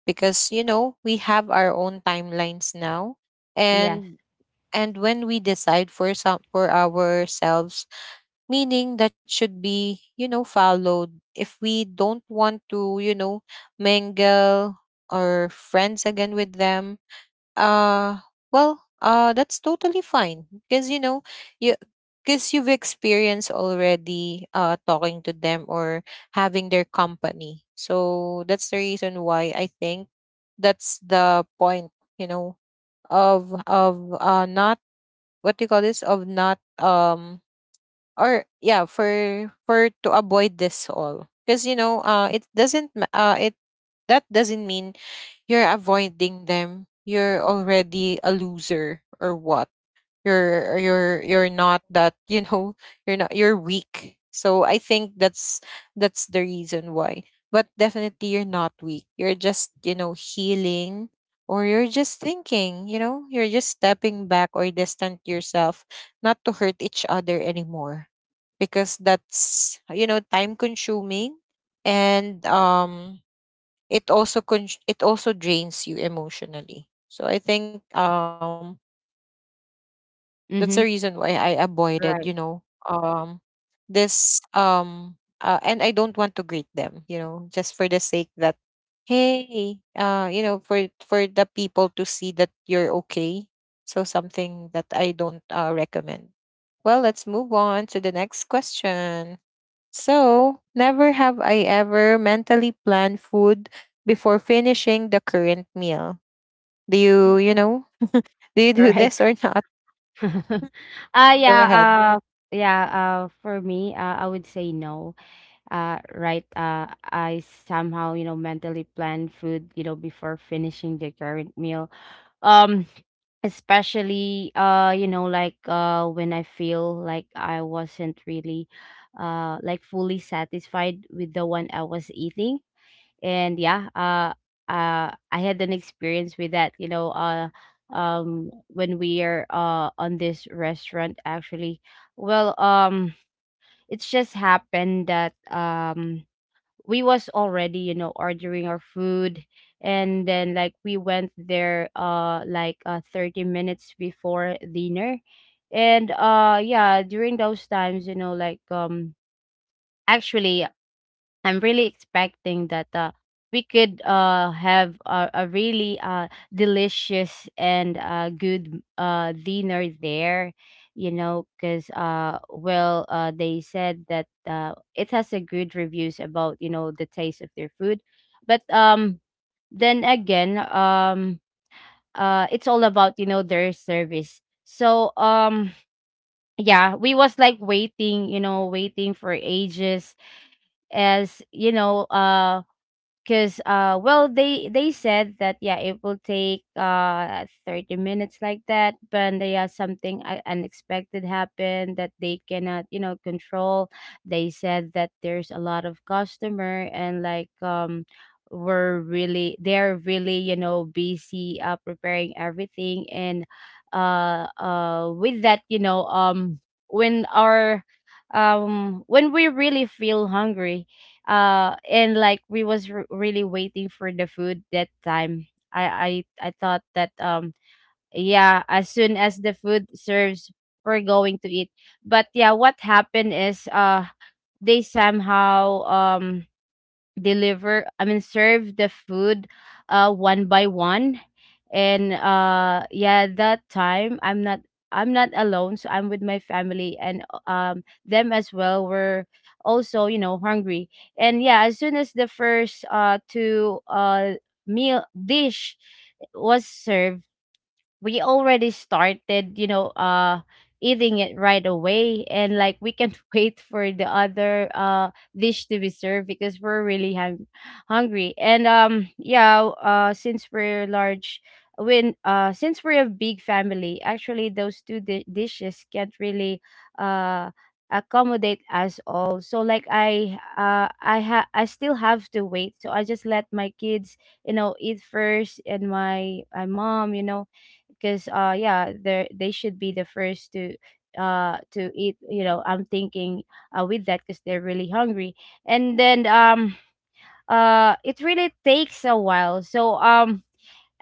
because you know, we have our own timelines now.
Yes.
and and when we decide for ourselves, meaning that should be, you know, followed. If we don't want to, you know, mingle or friends again with them, uh well, that's totally fine, because you know, you, because you've experienced already talking to them, or having their company. So that's the reason why I think that's the point, you know, of not, what do you call this, of not or yeah, for to avoid this all, because you know it doesn't it, that doesn't mean you're avoiding them, you're already a loser or what, you're you're not that [laughs] you know, you're not, you're weak. So I think that's the reason why. But definitely you're not weak, you're just, you know, healing, or you're just thinking, you know, you're just stepping back, or distant yourself, not to hurt each other anymore, because that's, you know, time consuming. And it also it also drains you emotionally. So I think that's the
Mhm.
reason why I
Right.
avoided, you know, um this and I don't want to greet them, you know, just for the sake that, hey, you know, for the people to see that you're okay. So something that I don't, recommend. Well, let's move on to the next question. So, never have I ever mentally planned food before finishing the current meal. Do you,
Mhm.
you know, do you
All
do
right.
this or [laughs] not?
[laughs]
Go
Yeah,
ahead.
yeah, for me, I would say no. Right, I somehow, you know, mentally plan food, you know, before finishing the current meal. Um especially you know like when I feel like I wasn't really like fully satisfied with the one I was eating. And yeah, I had an experience with that, you know. Um, when we are on this restaurant, actually, well, it's just happened that we was already, you know, ordering our food, and then like we went there 30 minutes before dinner. And yeah, during those times, you know, like, actually I'm really expecting that we could have a really delicious and good dinner there, you know, because, well, they said that it has a good reviews about, you know, the taste of their food. But then again, it's all about, you know, their service. So, yeah, we was like waiting, you know, waiting for ages, as, you know, because well, they said that yeah, it will take 30 minutes like that, but they, yeah, something unexpected happened that they cannot, you know, control. They said that there's a lot of customer, and like, we're really, they're really, you know, busy preparing everything. And with that, you know, when our, when we really feel hungry, and like we was really waiting for the food that time, I thought that yeah, as soon as the food serves, we're going to eat. But yeah, what happened is, they somehow deliver, I mean, serve the food one by one. And yeah, that time I'm not alone, so I'm with my family, and them as well were also, you know, hungry. And yeah, as soon as the first two meal dish was served, we already started, you know, eating it right away, and like we can't [laughs] wait for the other dish to be served because we're really hungry. And yeah, since we're large, when since we're a big family, actually those two dishes can't really uh accommodate us all. So like I still have to wait. So I just let my kids, you know, eat first, and my mom, you know, because yeah, they should be the first to eat, you know. I'm thinking with that because they're really hungry. And then it really takes a while, so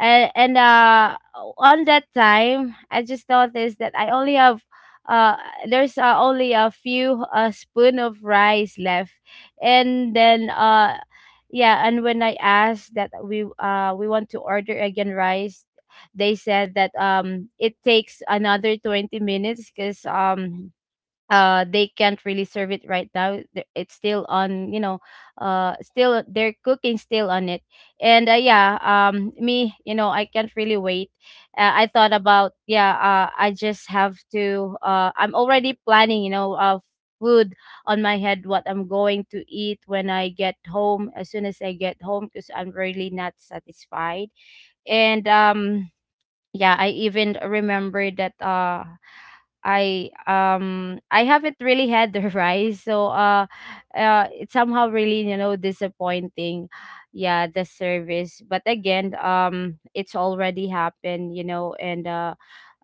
and on that time I just noticed that I only have, uh there's, only a few spoon of rice left. And then yeah, and when I asked that we want to order again rice, they said that it takes another 20 minutes because they can't really serve it right now. It's still on, you know, still they're cooking, still on it. And yeah, me, you know, I can't really wait. I thought about, yeah, I just have to I'm already planning, you know, food on my head, what I'm going to eat when I get home, as soon as I get home, because I'm really not satisfied. And yeah, I even remember that I haven't really had the [laughs] rice, so it's somehow really, you know, disappointing, yeah, the service. But again, it's already happened, you know. And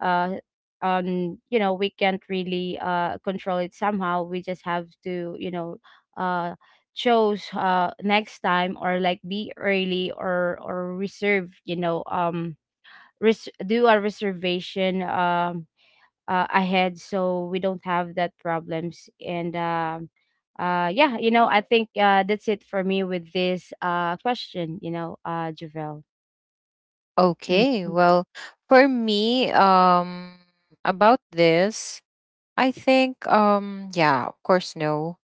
uh, you know, we can't really control it somehow. We just have to, you know, uh, chose next time, or like be early, or reserve, you know, do a reservation, ahead, so we don't have that problems. And yeah, you know, I think that's it for me with this question, you know, Javel. Mm.
Okay, well, for me, about this, I think yeah, of course, no.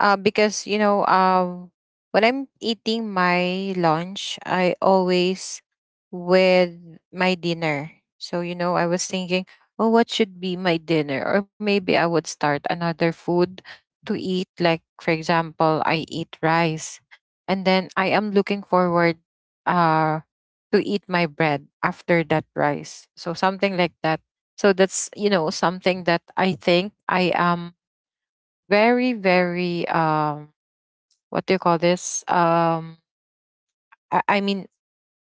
Because you know, when I'm eating my lunch, I always with my dinner. So you know, I was thinking, oh, what should be my dinner? Or maybe I would start another food to eat, like for example, I eat rice and then I am looking forward uh to eat my bread after that rice. So something like that. So that's, you know, something that I think I am very, very what do you call this? I mean,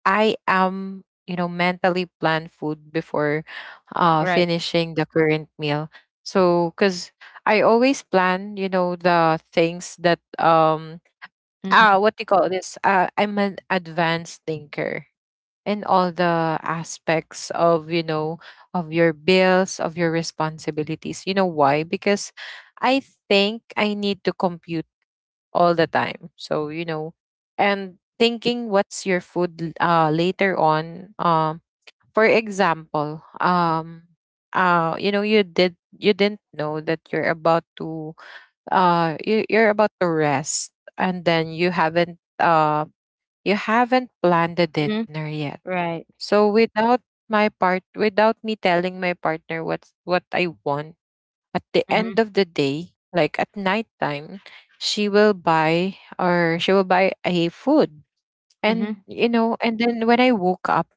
I am, you know, mentally plan food before
Right.
finishing the current meal. So, cuz I always plan, you know, the things that
Mm-hmm.
ah, what do you call this? I'm an advanced thinker in all the aspects of, you know, of your bills, of your responsibilities. You know why? Because I think I need to compute all the time. So you know, and thinking what's your food later on. For example, you know, you didn't know that you're about to, you're about to rest, and then you haven't planned the
Mm-hmm.
dinner yet.
Right.
So without my part, without me telling my partner what's what I want, at the end
Mm-hmm.
of the day, like at nighttime, she will buy a food.
Mm-hmm.
And you know, and then when I woke up,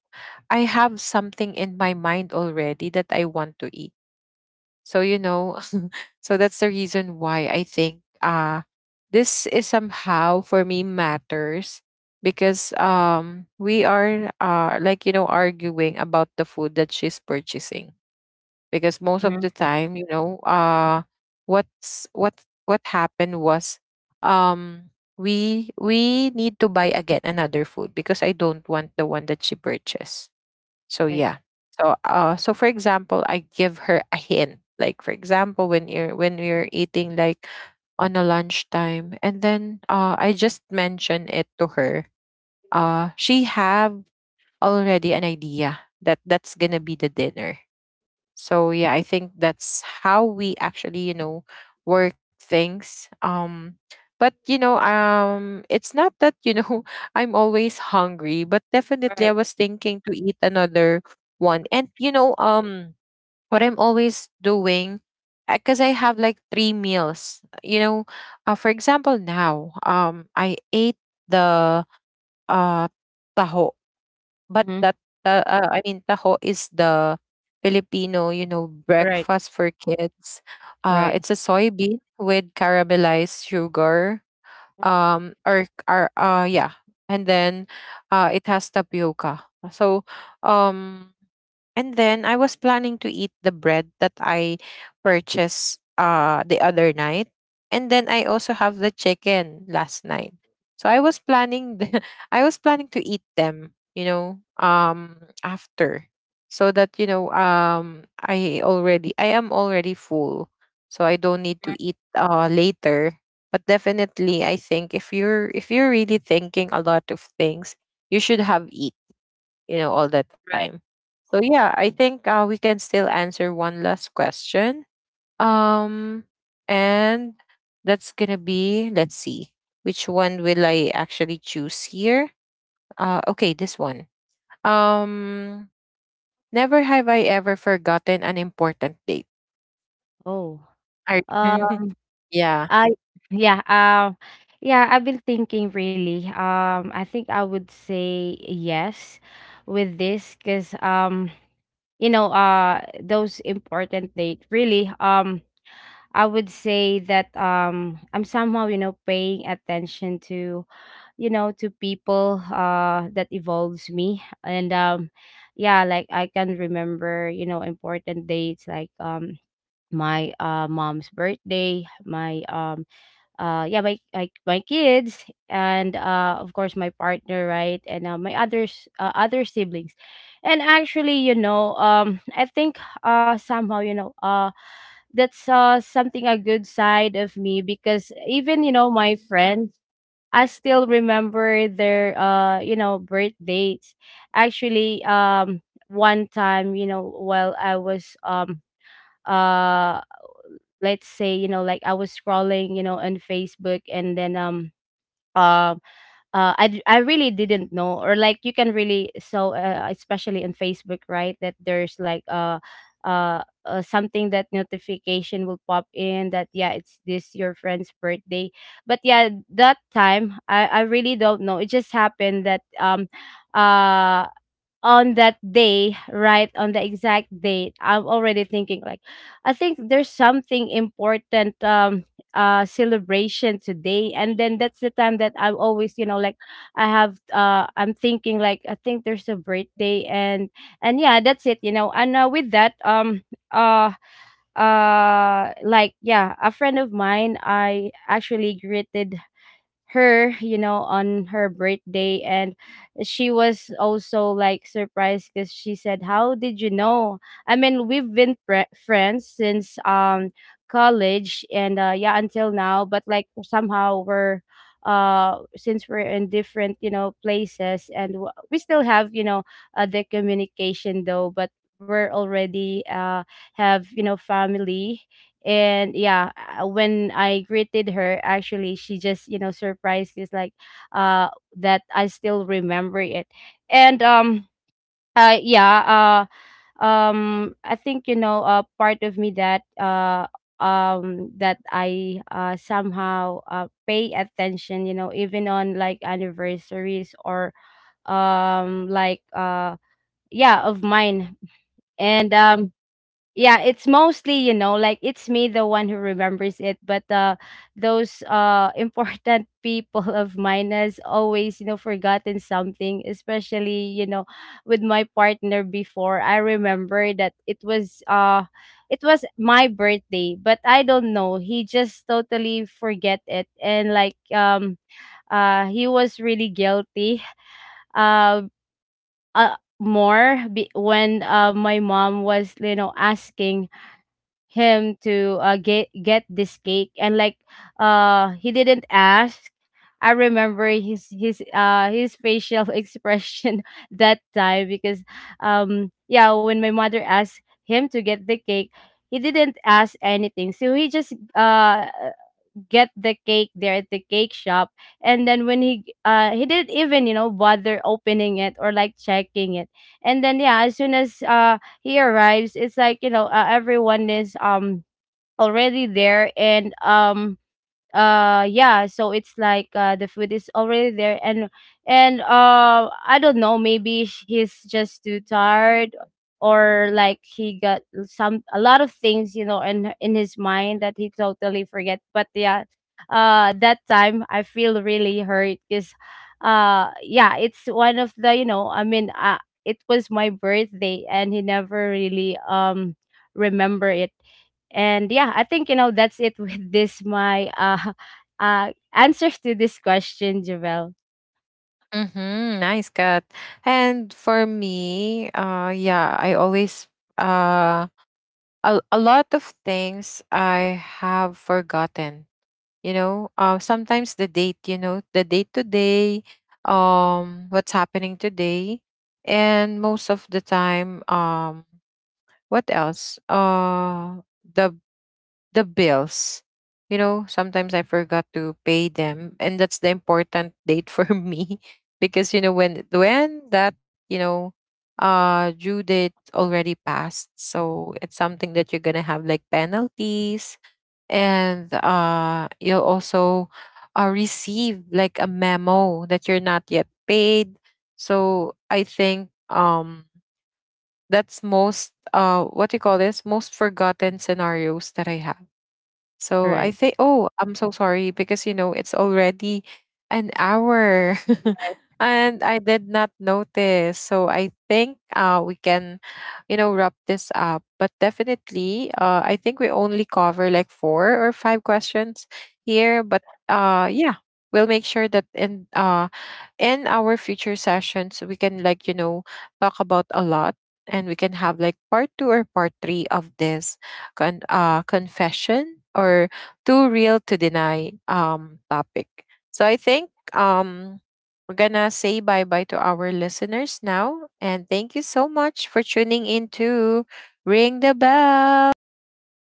I have something in my mind already that I want to eat. So you know, [laughs] so that's the reason why I think this is somehow for me matters, because we are like you know arguing about the food that she's purchasing, because most of
Mm-hmm.
the time, you know, what's what happened was um we need to buy again another food because I don't want the one that she purchased. So
Right.
yeah. So so for example, I give her a hint. Like for example, when you're, when you're eating like on a lunchtime, and then I just mention it to her. She have already an idea that that's gonna be the dinner. So yeah, I think that's how we actually, you know, work things. But you know, it's not that, you know, [laughs] I'm always hungry, but definitely
Right.
I was thinking to eat another [laughs] one. And you know, what I'm always doing, because I have like three meals. You know, for example, now I ate the uh taho. But
Mm-hmm.
that ta I mean, taho is the Filipino, you know,
Right.
breakfast for kids.
Right.
It's a soybean with caramelized sugar. Or or yeah, and then it has tapioca. So, um, and then I was planning to eat the bread that I purchased the other night. And then I also have the chicken last night. So I was planning the, [laughs] I was planning to eat them, you know, after, so that you know I am already full. So I don't need to
Mhm.
eat later. But definitely I think if you're, if you're really thinking a lot of things, you should have eat, you know, all the time.
Right.
So yeah, I think, we can still answer one last question. Um, and that's gonna be, let's see, which one will I actually choose here? Okay, this one. Um, never have I ever forgotten an important date.
Oh,
I,
uh,
[laughs] yeah.
I, yeah, yeah, I've been thinking really. I think I would say yes with this, cuz you know, those important date really, I would say that I'm somehow, you know, paying attention to, you know, to people that evolves me. And yeah, like I can remember, you know, important dates like, my mom's birthday, my yeah, my, like my kids, and of course my partner, right? And my others, other siblings. And actually, you know, I think somehow, you know, that's something, a good side of me, because even, you know, my friends, I still remember their you know, birth dates. Actually, one time, you know, while I was uh let's say, you know, like I was scrolling, you know, on Facebook, and then um I I really didn't know, or like, you can really, so especially on Facebook, right, that there's like something that notification will pop in, that yeah, it's this your friend's birthday. But yeah, that time I really don't know. It just happened that uh on that day, right, on the exact date, I'm already thinking like, I think there's something important, celebration today. And then that's the time that I'm always, you know, like I have I'm thinking like I think there's a birthday. And yeah, that's it, you know. And with that, uh like yeah, a friend of mine, I actually greeted her, you know, on her birthday. And she was also like surprised because she said, "How did you know?" I mean, we've been friends since college, and yeah, until now, but like somehow we're since we're in different, you know, places, and we still have, you know, the communication though, but we're already have, you know, family. And yeah, when I greeted her, actually, she just, you know, surprised, is like uh that I still remember it. And yeah, I think, you know, part of me that that I somehow pay attention, you know, even on like anniversaries, or like yeah, of mine. And yeah, it's mostly, you know, like it's me the one who remembers it, but those [laughs] important people of mine has always, you know, forgotten something, especially, you know, with my partner. Before, I remember that it was my birthday, but I don't know, he just totally forget it. And like, he was really guilty. uh, when my mom was, you know, asking him to get this cake, and like he didn't ask. I remember his his facial [laughs] expression that time, because yeah, when my mother asked him to get the cake, he didn't ask anything, so he just get the cake there at the cake shop. And then when he didn't even, you know, bother opening it or like checking it. And then yeah, as soon as he arrives, it's like, you know, everyone is already there. And yeah, so it's like the food is already there. And I don't know, maybe he's just too tired, or like he got some, a lot of things, you know, in his mind, that he totally forget. But yeah, that time I feel really hurt because yeah, it's one of the, you know, I mean, it was my birthday, and he never really remember it. And yeah, I think, you know, that's it [laughs] with this my [laughs] answers to this question, Javel.
Mm-hmm, nice cut. And for me, yeah, I always uh a lot of things I have forgotten, you know, sometimes the date, today, what's happening today. And most of the time, what else, the the bills, you know, sometimes I forgot to pay them, and that's the important date for [laughs] me. Because you know, when that, you know, due date already passed, so it's something that you're gonna have like penalties, and you'll also receive like a memo that you're not yet paid. So I think that's most, what do you call this, most forgotten scenarios that I have.
All
So I
right.
say, oh, I'm so sorry because, you know, it's already an hour [laughs] and I did not notice. So I think we can, you know, wrap this up. But definitely, I think we only cover like four or five questions here. But yeah, we'll make sure that in our future sessions, we can like, you know, talk about a lot, and we can have like part two or part three of this confession, or too real to deny topic. So I think we're gonna say bye bye to our listeners now, and thank you so much for tuning in to Ring the Bell.